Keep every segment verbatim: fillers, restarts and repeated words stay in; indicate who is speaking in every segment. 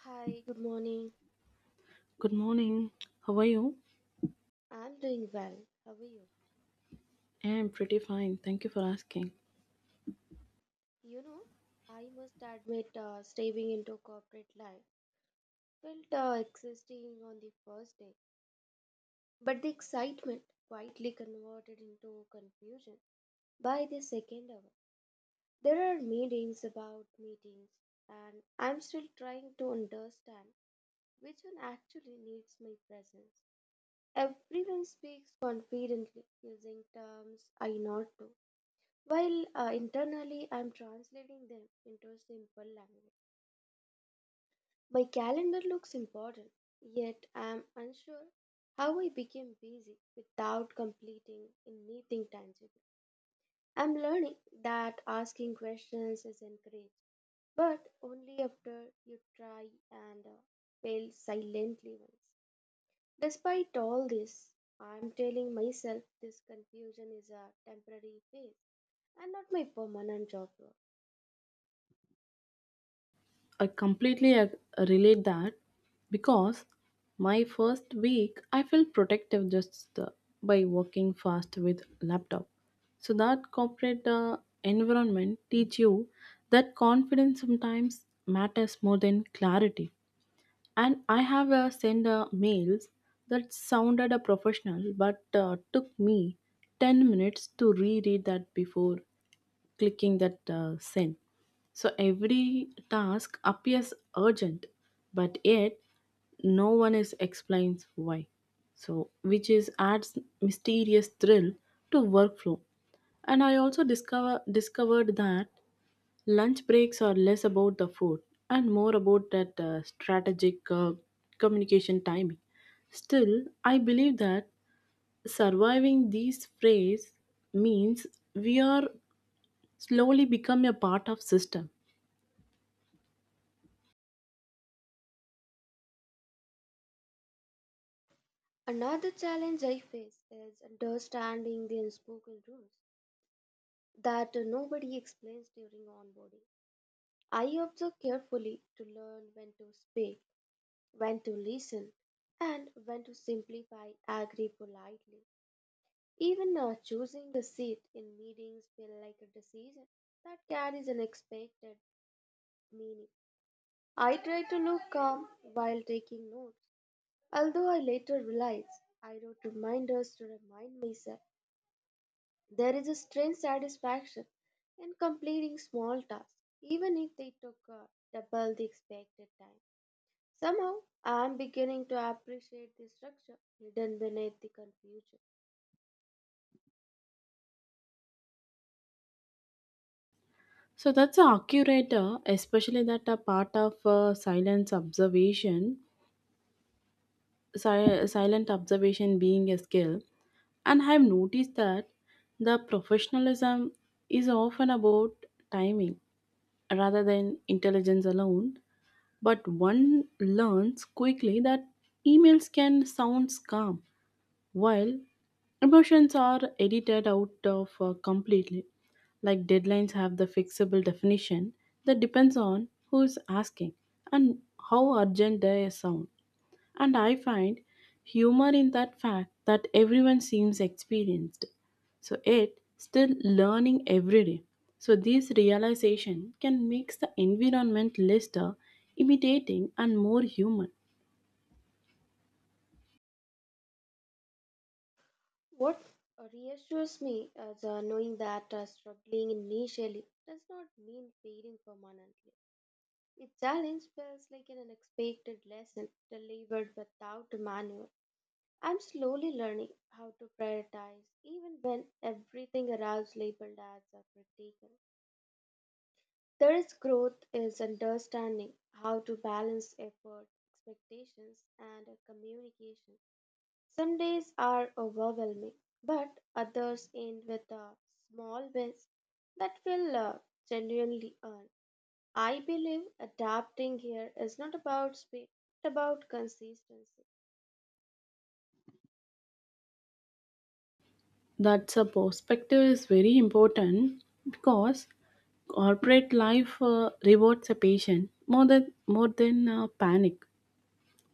Speaker 1: Hi, good morning.
Speaker 2: Good morning. How are you?
Speaker 1: I'm doing well. How are you?
Speaker 2: Yeah, I'm pretty fine. Thank you for asking.
Speaker 1: You know, I must admit, uh, stepping into corporate life felt uh, exhausting on the first day, but the excitement quietly converted into confusion by the second hour. There are meetings about meetings, and I'm still trying to understand which one actually needs my presence. Everyone speaks confidently using terms I know. While uh, internally I'm translating them into simple language. My calendar looks important, yet I'm unsure how I became busy without completing anything tangible. I'm learning that asking questions is encouraged, but only after you try and uh, fail silently once. Despite all this, I'm telling myself this confusion is a temporary phase and not my permanent job role.
Speaker 2: I completely ag- Relate that because my first week I felt protective just uh, by working fast with laptop. So that corporate uh, environment teach you that confidence sometimes matters more than clarity. And I have uh, sent uh, mails that sounded a professional but uh, took me ten minutes to reread that before clicking that uh, send. So every task appears urgent, but yet no one is explains why. So which is adds mysterious thrill to workflow. And I also discover discovered that lunch breaks are less about the food and more about that uh, strategic uh, communication timing. Still, I believe that surviving these phrases means we are slowly become a part of system.
Speaker 1: Another challenge I face is understanding the unspoken rules that nobody explains during onboarding. I observe carefully to learn when to speak, when to listen, and when to simplify, agree politely. Even uh, choosing a seat in meetings feel like a decision that carries unexpected meaning. I try to look calm while taking notes, although I later realize I wrote reminders to remind myself. There is a strange satisfaction in completing small tasks, even if they took uh, double the expected time. Somehow, I am beginning to appreciate the structure hidden beneath the confusion.
Speaker 2: So that's a accurate uh, especially that a part of uh, silence observation si- silent observation being a skill. And I've noticed that the professionalism is often about timing rather than intelligence alone, but one learns quickly that emails can sound calm while emotions are edited out of uh, completely, like deadlines have the fixable definition that depends on who is asking and how urgent they sound. And I find humor in that fact that everyone seems experienced. So it still learning every day. So this realization can make the environment less uh, imitating and more human.
Speaker 1: What reassures me is uh, knowing that uh, struggling initially does not mean failing permanently. The challenge feels like an unexpected lesson delivered without a manual. I'm slowly learning how to prioritize even when everything around labeled as a critical. There is growth is understanding how to balance effort, expectations, and communication. Some days are overwhelming, but others end with a small wins that will uh, genuinely earn. I believe adapting here is not about speed, but about consistency.
Speaker 2: That's a perspective is very important because corporate life uh, rewards a patient more than more than uh, panic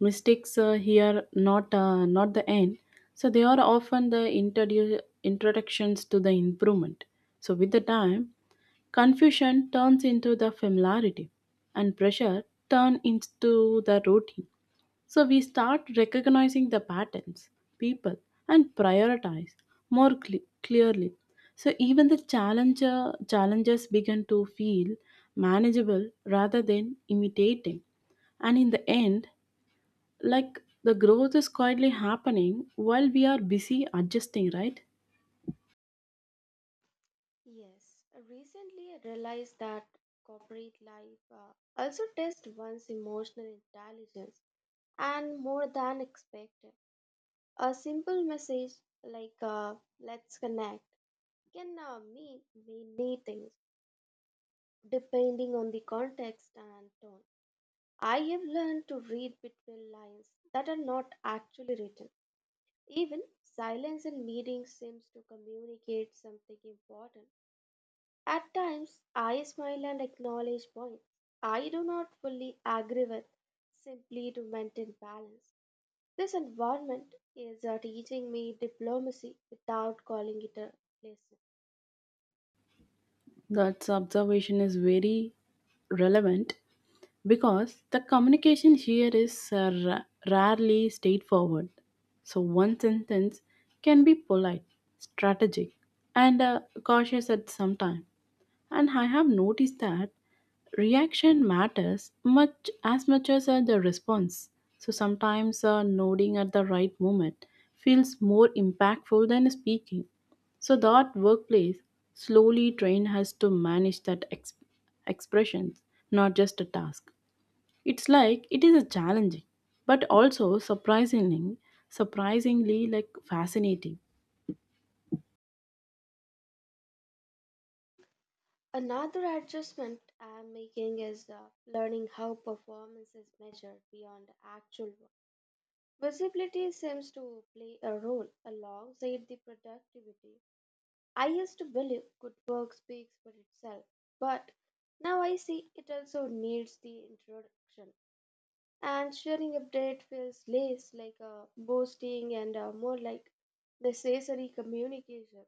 Speaker 2: mistakes uh, here not uh, not the end, so they are often the introdu- introductions to the improvement. So with the time confusion turns into the familiarity and pressure turn into the routine. So we start recognizing the patterns, people, and prioritize more cle- clearly. So even the challenger challenges begin to feel manageable rather than imitating, and in the end, like the growth is quietly happening while we are busy adjusting, right?
Speaker 1: Yes, uh, recently I realized that corporate life uh, also tests one's emotional intelligence and more than expected. A simple message like uh, let's connect can uh, mean many things depending on the context and tone. I have learned to read between lines that are not actually written. Even silence in meetings seems to communicate something important. At times, I smile and acknowledge points I do not fully agree with simply to maintain balance. This environment is uh, teaching me diplomacy without calling it a lesson.
Speaker 2: That observation is very relevant because the communication here is uh, ra- rarely straightforward. So one sentence can be polite, strategic, and uh, cautious at some time. And I have noticed that reaction matters much as much as uh, the response. So sometimes uh, nodding at the right moment feels more impactful than speaking. So that workplace slowly trained us to manage that ex- expressions, not just a task. It's like it is a challenging, but also surprisingly, surprisingly like fascinating.
Speaker 1: Another adjustment I am making is uh, learning how performance is measured beyond actual work. Visibility seems to play a role alongside the productivity. I used to believe good work speaks for itself, but now I see it also needs the introduction. And sharing update feels less like uh, boasting and uh, more like necessary communication.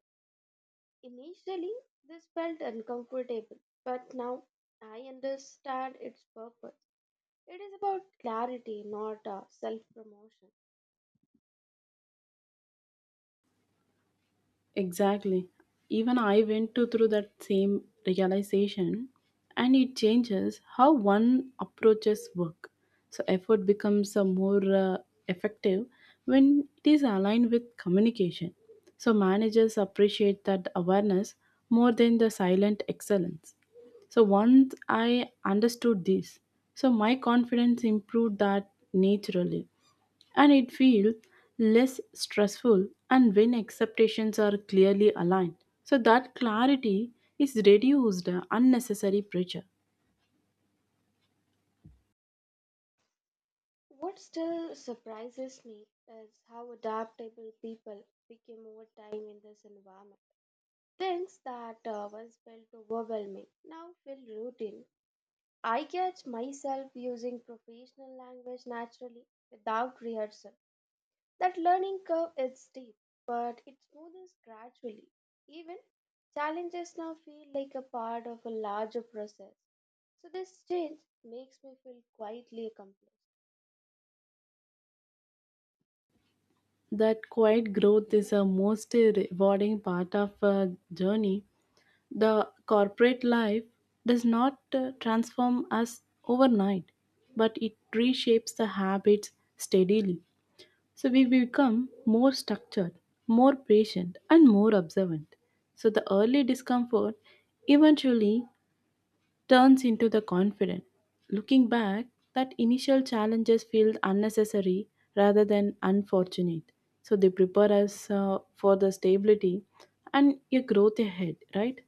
Speaker 1: Initially, this felt uncomfortable, but now I understand its purpose. It is about clarity, not uh, self promotion.
Speaker 2: Exactly. Even I went to through that same realization and it changes how one approaches work. So effort becomes a more uh, effective when it is aligned with communication. So managers appreciate that awareness more than the silent excellence. So once I understood this, so my confidence improved that naturally and it feels less stressful and when expectations are clearly aligned. So that clarity is reduced uh, unnecessary pressure.
Speaker 1: What still surprises me is how adaptable people became over time in this environment. Things that uh, once felt overwhelming now feel routine. I catch myself using professional language naturally without rehearsal. That learning curve is steep, but it smoothens gradually. Even challenges now feel like a part of a larger process. So, this change makes me feel quietly accomplished.
Speaker 2: That quiet growth is a most rewarding part of a journey. The corporate life does not uh, transform us overnight, but it reshapes the habits steadily. So we become more structured, more patient, and more observant. So the early discomfort eventually turns into the confident. Looking back, that initial challenges feel unnecessary rather than unfortunate. So they prepare us uh, for the stability and a growth ahead, right?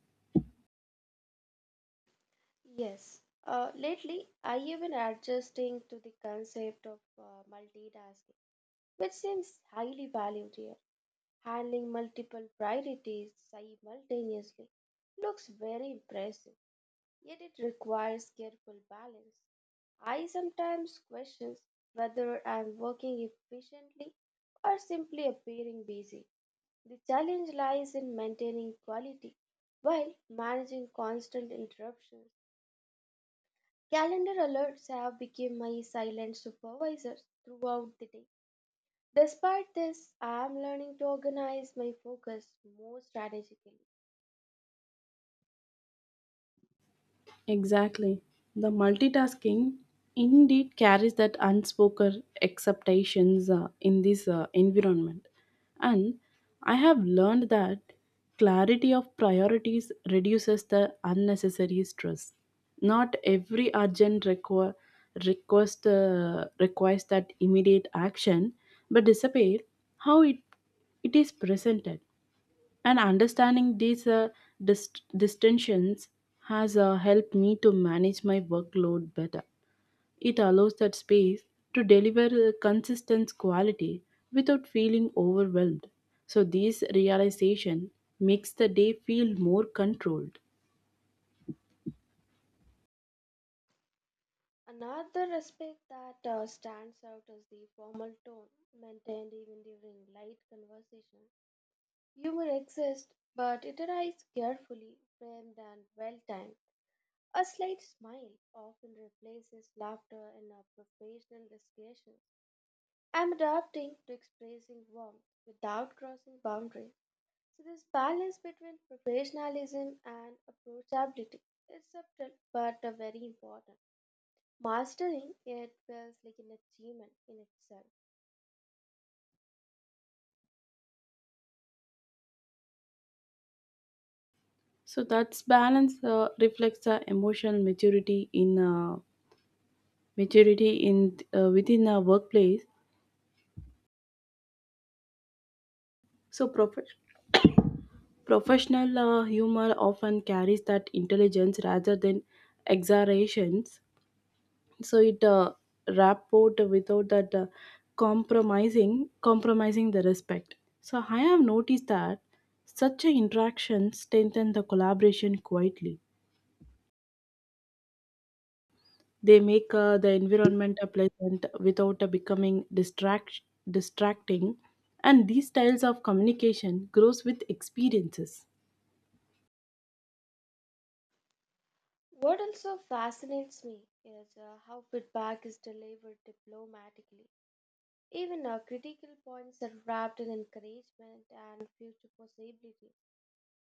Speaker 1: Yes. Uh, lately, I have been adjusting to the concept of uh, multitasking, which seems highly valued here. Handling multiple priorities simultaneously looks very impressive, yet it requires careful balance. I sometimes question whether I'm working efficiently or simply appearing busy. The challenge lies in maintaining quality while managing constant interruptions. Calendar alerts have become my silent supervisors throughout the day. Despite this, I am learning to organize my focus more strategically.
Speaker 2: Exactly. The multitasking indeed carries that unspoken expectations uh, in this uh, environment. And I have learned that clarity of priorities reduces the unnecessary stress. Not every urgent requ- request uh, requires that immediate action, but disappear how it, it is presented. And understanding these uh, dist- distinctions has uh, helped me to manage my workload better. It allows that space to deliver a consistent quality without feeling overwhelmed. So this realization makes the day feel more controlled.
Speaker 1: Another aspect that uh, stands out is the formal tone maintained even during light conversation. Humor exists, but it arrives carefully, framed, and well timed. A slight smile often replaces laughter in our professional discussions. I'm adapting to expressing warmth without crossing boundaries. So, this balance between professionalism and approachability is subtle but uh, very important. Mastering it feels like an achievement in itself.
Speaker 2: So that's balance uh, reflects the emotional maturity in uh, maturity in uh, within a workplace. So professional Professional uh, humor often carries that intelligence rather than exaggerations, so it uh, rapport without that uh, compromising compromising the respect. So I have noticed that such an interaction strengthen the collaboration quietly. They make uh, the environment a pleasant without uh, becoming distract distracting, and these styles of communication grows with experiences.
Speaker 1: What also fascinates me is uh, how feedback is delivered diplomatically. Even uh, critical points are wrapped in encouragement and future possibilities.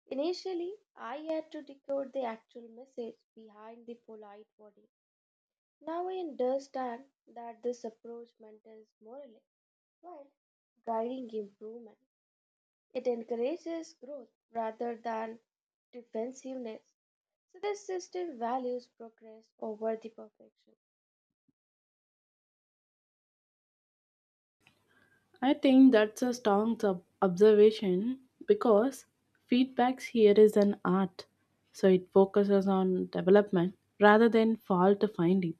Speaker 1: Initially, I had to decode the actual message behind the polite wording. Now I understand that this approach maintains morale while guiding improvement. It encourages growth rather than defensiveness. So this system values progress over the perfection.
Speaker 2: I think that's a strong sub- observation because feedbacks here is an art. So it focuses on development rather than fault finding.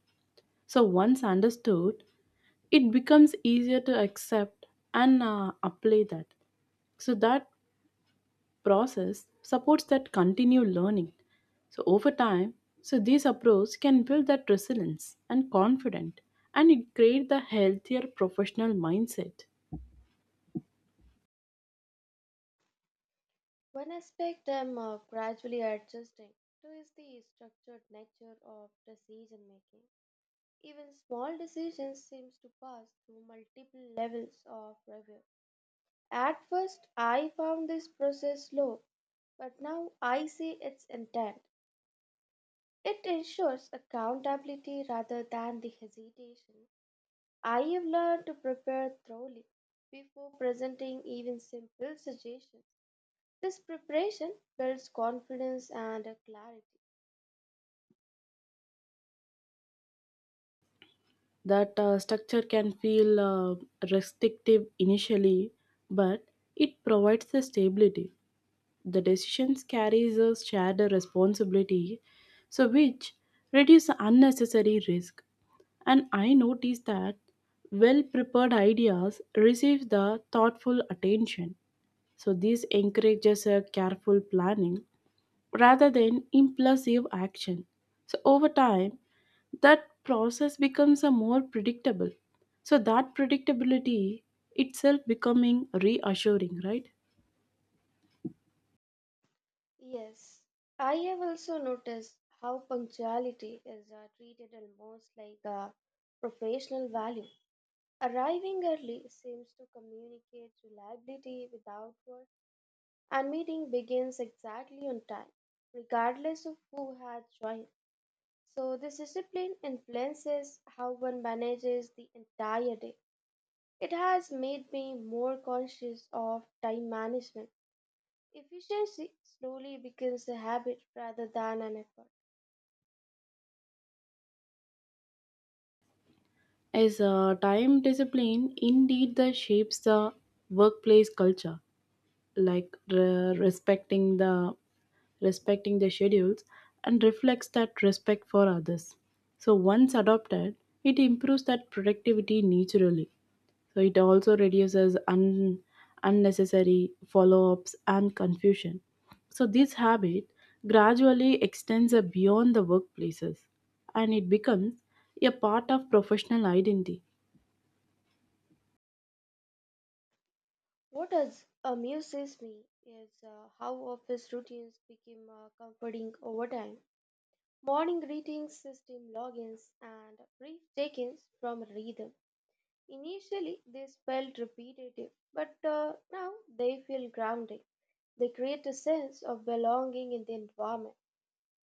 Speaker 2: So once understood, it becomes easier to accept and uh, apply that. So that process supports that continued learning. So over time, so this approach can build that resilience and confidence, and it create the healthier professional mindset.
Speaker 1: One aspect I'm uh, gradually adjusting to is the structured nature of decision making. Even small decisions seems to pass through multiple levels of review. At first, I found this process slow, but now I see its intent. It ensures accountability rather than the hesitation. I have learned to prepare thoroughly before presenting even simple suggestions. This preparation builds confidence and clarity.
Speaker 2: That uh, structure can feel uh, restrictive initially, but it provides the stability. The decisions carries a shared responsibility, so which reduce unnecessary risk. And I notice that well prepared ideas receive the thoughtful attention, so this encourages a careful planning rather than impulsive action. So over time, that process becomes a more predictable. So that predictability itself becoming reassuring, right?
Speaker 1: Yes, I have also noticed how punctuality is uh, treated almost like a professional value. Arriving early seems to communicate reliability without work, and meeting begins exactly on time, regardless of who had joined. So, this discipline influences how one manages the entire day. It has made me more conscious of time management. Efficiency slowly becomes a habit rather than an effort.
Speaker 2: As uh, time discipline indeed the shapes the workplace culture. Like re- respecting the respecting the schedules and reflects that respect for others. So once adopted, it improves that productivity naturally. So it also reduces un- unnecessary follow-ups and confusion. So this habit gradually extends uh, beyond the workplaces and it becomes a part of professional identity.
Speaker 1: What does amuses me is uh, how office routines became uh, comforting over time. Morning greetings, system logins, and brief check-ins from rhythm. Initially, this felt repetitive, but uh, now they feel grounding. They create a sense of belonging in the environment.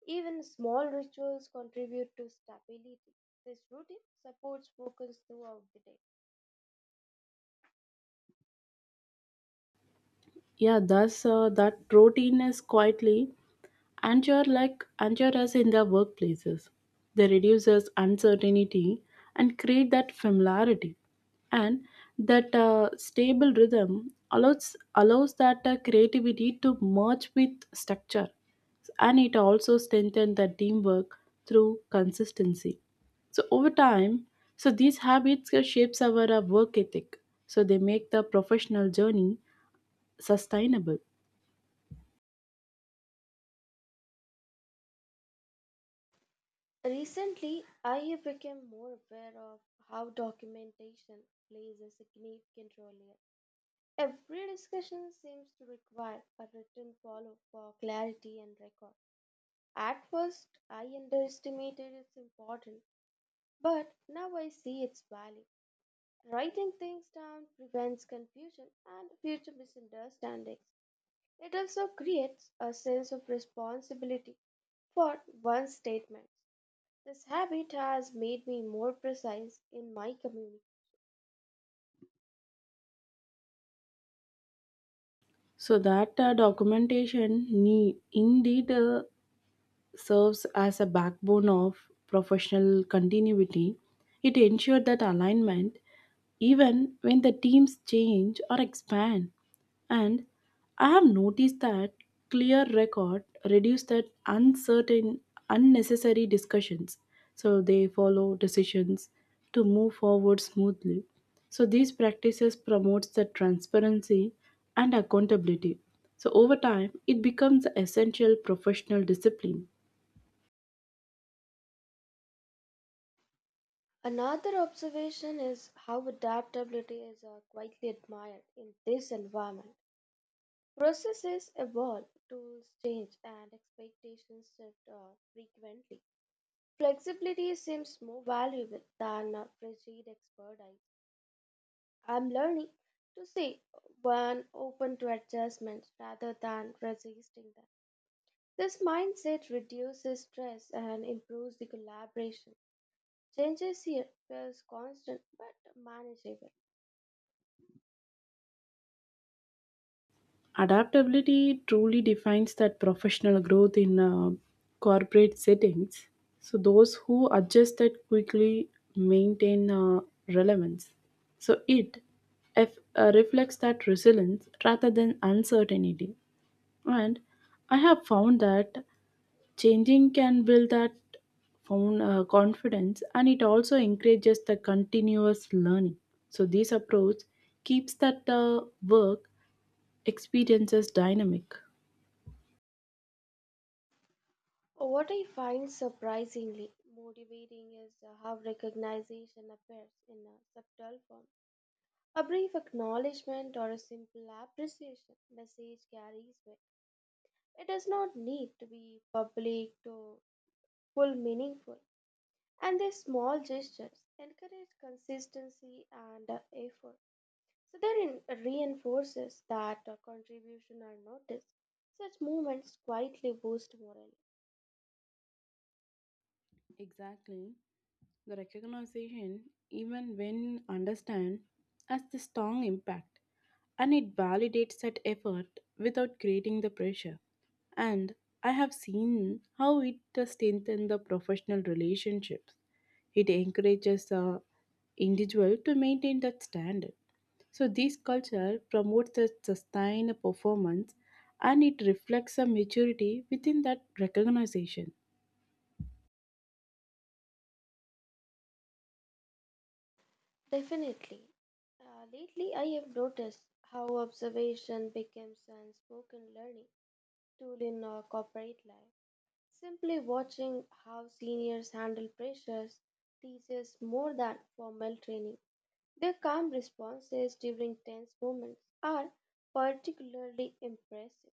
Speaker 1: Even small rituals contribute to stability. This routine supports focus throughout the day.
Speaker 2: Yeah, thus uh, that routine is quietly and you're like and us in their workplaces. They reduce us uncertainty and create that familiarity, and that uh, stable rhythm allows allows that uh, creativity to merge with structure, and it also strengthens the teamwork through consistency. So over time, so these habits uh, shapes our uh, work ethic. So they make the professional journey sustainable.
Speaker 1: Recently, I have become more aware of how documentation plays a significant role here. Every discussion seems to require a written follow for clarity and record. At first, I underestimated its importance, but now I see its value. Writing things down prevents confusion and future misunderstandings. It also creates a sense of responsibility for one's statements. This habit has made me more precise in my community.
Speaker 2: So that uh, documentation need indeed uh, serves as a backbone of professional continuity. It ensured that alignment, even when the teams change or expand. And I have noticed that clear record reduce that uncertain, unnecessary discussions. So they follow decisions to move forward smoothly. So these practices promotes the transparency and accountability. So over time, it becomes an essential professional discipline.
Speaker 1: Another observation is how adaptability is uh, quietly admired in this environment. Processes evolve, tools change, and expectations shift uh, frequently. Flexibility seems more valuable than uh, rigid expertise. I'm learning to say one open to adjustments rather than resisting them. This mindset reduces stress and improves the collaboration. Changes here feels constant but manageable.
Speaker 2: Adaptability truly defines that professional growth in uh, corporate settings. So those who adjust that quickly maintain uh, relevance. So it if, uh, reflects that resilience rather than uncertainty. And I have found that changing can build that found uh, confidence, and it also encourages the continuous learning. So this approach keeps that uh, work experiences dynamic.
Speaker 1: What I find surprisingly motivating is uh, how recognition appears in a subtle form. A brief acknowledgement or a simple appreciation message carries weight. It does not need to be public to full meaningful. And these small gestures encourage consistency and uh, effort. So that in- reinforces that uh, contribution are noticed. Such movements quietly boost morale.
Speaker 2: Exactly. The recognition, even when understand, has the strong impact and it validates that effort without creating the pressure. And I have seen how it strengthens the professional relationships. It encourages the individual to maintain that standard. So this culture promotes a sustained performance and it reflects a maturity within that recognition.
Speaker 1: Definitely. Uh, lately, I have noticed how observation becomes an spoken learning tool in uh, corporate life. Simply watching how seniors handle pressures teaches more than formal training. Their calm responses during tense moments are particularly impressive.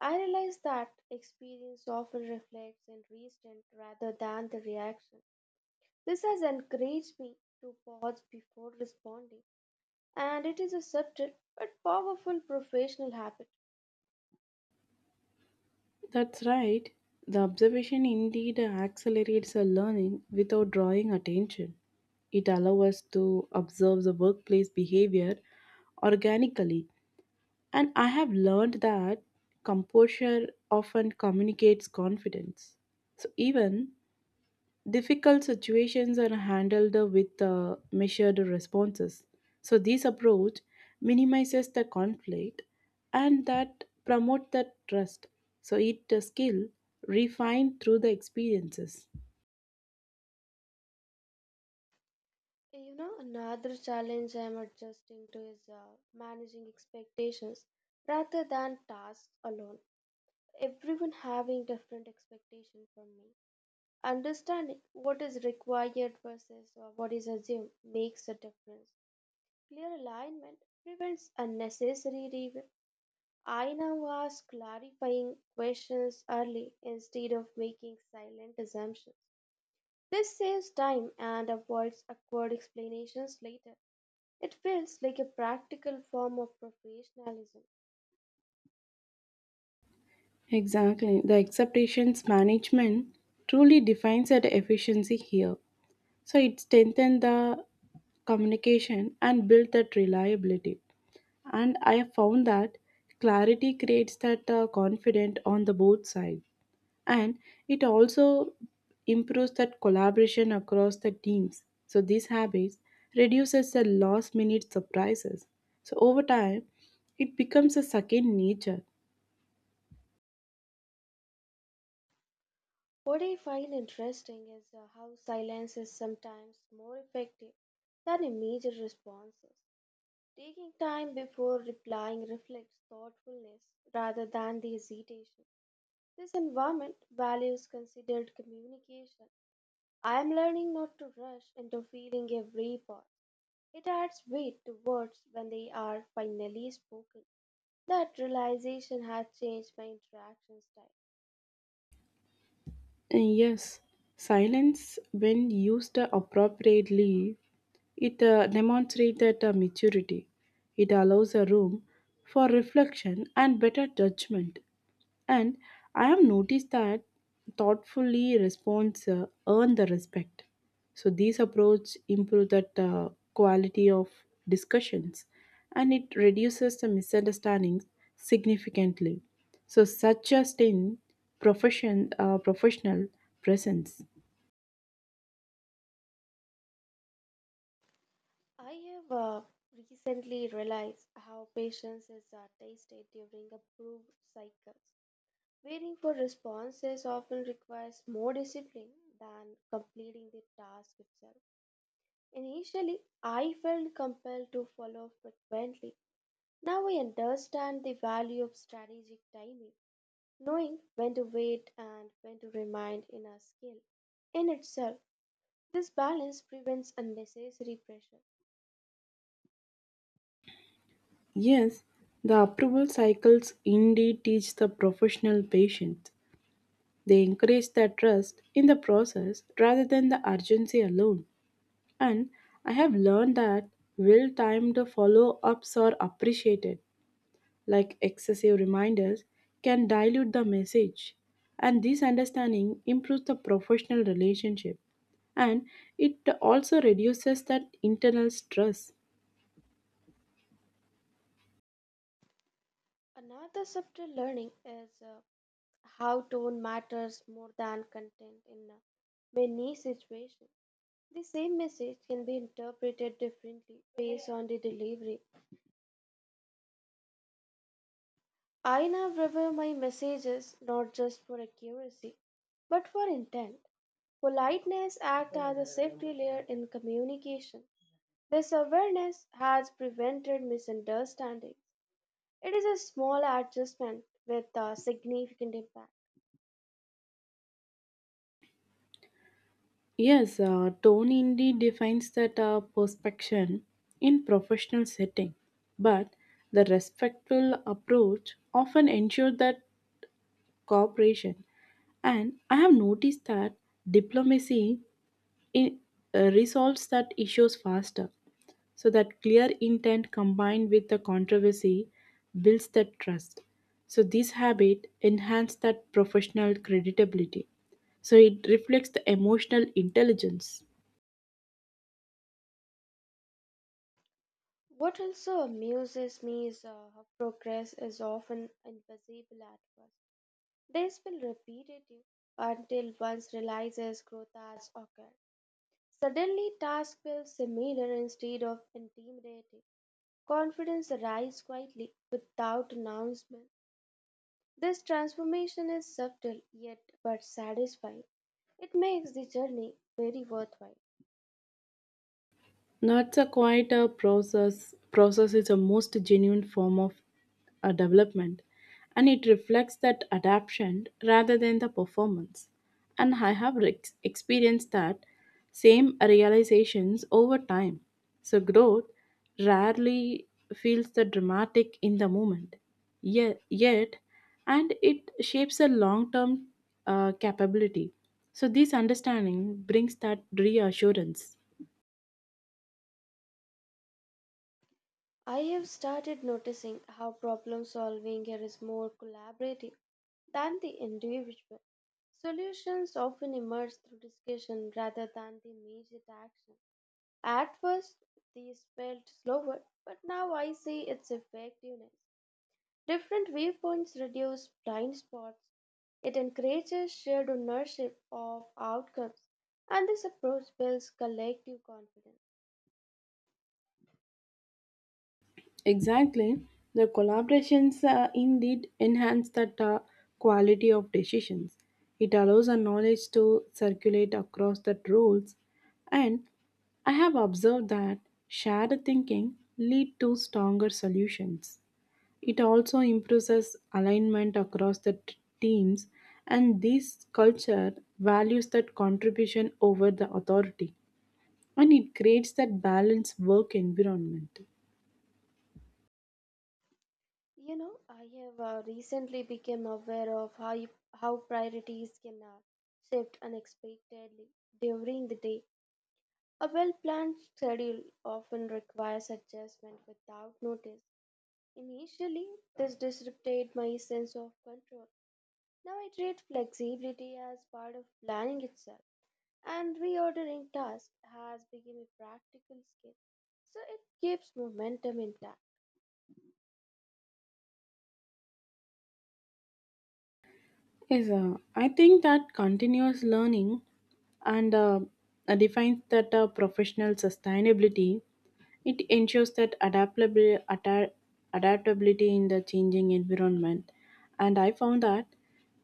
Speaker 1: I realize that experience often reflects in reason rather than the reaction. This has encouraged me to pause before responding, and it is a subtle but powerful professional habit.
Speaker 2: That's right. The observation indeed accelerates our learning without drawing attention. It allows us to observe the workplace behavior organically. And I have learned that composure often communicates confidence. So even difficult situations are handled with uh, measured responses. So this approach minimizes the conflict and that promote the trust. So it a skill refined through the experiences.
Speaker 1: You know, another challenge I'm adjusting to is uh, managing expectations rather than tasks alone. Everyone having different expectations from me. Understanding what is required versus uh, what is assumed makes a difference. Clear alignment prevents unnecessary revision. I now ask clarifying questions early instead of making silent assumptions. This saves time and avoids awkward explanations later. It feels like a practical form of professionalism.
Speaker 2: Exactly. The expectations management truly defines that efficiency here. So it strengthens the communication and build that reliability. And I have found that clarity creates that uh, confidence on the both sides, and it also improves that collaboration across the teams. So these habits reduces the last minute surprises. So over time, it becomes a second nature.
Speaker 1: What I find interesting is uh, how silence is sometimes more effective than immediate responses. Taking time before replying reflects thoughtfulness rather than the hesitation. This environment values considered communication. I am learning not to rush into feeling every pause. It adds weight to words when they are finally spoken. That realization has changed my interaction style.
Speaker 2: And yes, silence when used appropriately, it uh, demonstrates that uh, maturity. It allows a room for reflection and better judgment. And I have noticed that thoughtfully response uh, earn the respect. So these approach improve that uh, quality of discussions, and it reduces the misunderstandings significantly. So such a stint profession uh, professional presence.
Speaker 1: I have uh, recently realized how patience is uh, tasted during approved cycles. Waiting for responses often requires more discipline than completing the task itself. Initially, I felt compelled to follow frequently. Now I understand the value of strategic timing. Knowing when to wait and when to remind in a skill. In itself, this balance prevents unnecessary pressure.
Speaker 2: Yes, the approval cycles indeed teach the professional patience. They encourage their trust in the process rather than the urgency alone. And I have learned that well timed follow ups are appreciated, like excessive reminders can dilute the message. And this understanding improves the professional relationship, and it also reduces that internal stress.
Speaker 1: Another subtle learning is uh, how tone matters more than content in uh, many situations. The same message can be interpreted differently based on the delivery. I now review my messages not just for accuracy, but for intent. Politeness acts as a safety layer in communication. This awareness has prevented misunderstandings. It is a small adjustment with a significant impact.
Speaker 2: Yes, uh, tone indeed defines that uh, perspection in professional setting, but the respectful approach often ensures that cooperation. And I have noticed that diplomacy in, uh, resolves that issues faster. So that clear intent combined with the controversy builds that trust. So this habit enhances that professional credibility. So it reflects the emotional intelligence.
Speaker 1: What also amuses me is uh, how progress is often invisible at first. This will repeat it until one realizes growth has occurred. Suddenly, tasks feel similar instead of intimidating. Confidence arises quietly without announcement. This transformation is subtle yet but satisfying. It makes the journey very worthwhile.
Speaker 2: No, it's a quite a process. Process is a most genuine form of uh, development, and it reflects that adaptation rather than the performance. And I have re- experienced that same realizations over time. So growth rarely feels the dramatic in the moment, yet, yet and it shapes a long-term uh, capability. So this understanding brings that reassurance.
Speaker 1: I have started noticing how problem solving here is more collaborative than the individual. Solutions often emerge through discussion rather than the immediate action. At first, these felt slower, but now I see its effectiveness. Different viewpoints reduce blind spots. It encourages shared ownership of outcomes, and this approach builds collective confidence.
Speaker 2: Exactly. The collaborations uh, indeed enhance that uh, quality of decisions. It allows our knowledge to circulate across the roles, and I have observed that shared thinking lead to stronger solutions. It also improves alignment across the t- teams, and this culture values that contribution over the authority, and it creates that balanced work environment.
Speaker 1: You know, I have uh, recently become aware of how, you- how priorities can uh, shift unexpectedly during the day. A well planned schedule often requires adjustment without notice. Initially, this disrupted my sense of control. Now I treat flexibility as part of planning itself, and reordering tasks has become a practical skill. So it keeps momentum intact.
Speaker 2: Yes, uh, I think that continuous learning and uh, uh, defines that uh, professional sustainability. It ensures that adaptability, adaptability in the changing environment. And I found that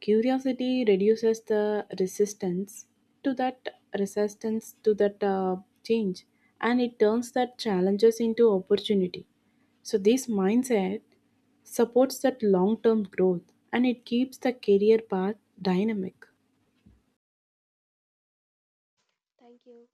Speaker 2: curiosity reduces the resistance to that resistance to that uh, change, and it turns that challenges into opportunity. So this mindset supports that long term growth and it keeps the career path dynamic.
Speaker 1: Thank you.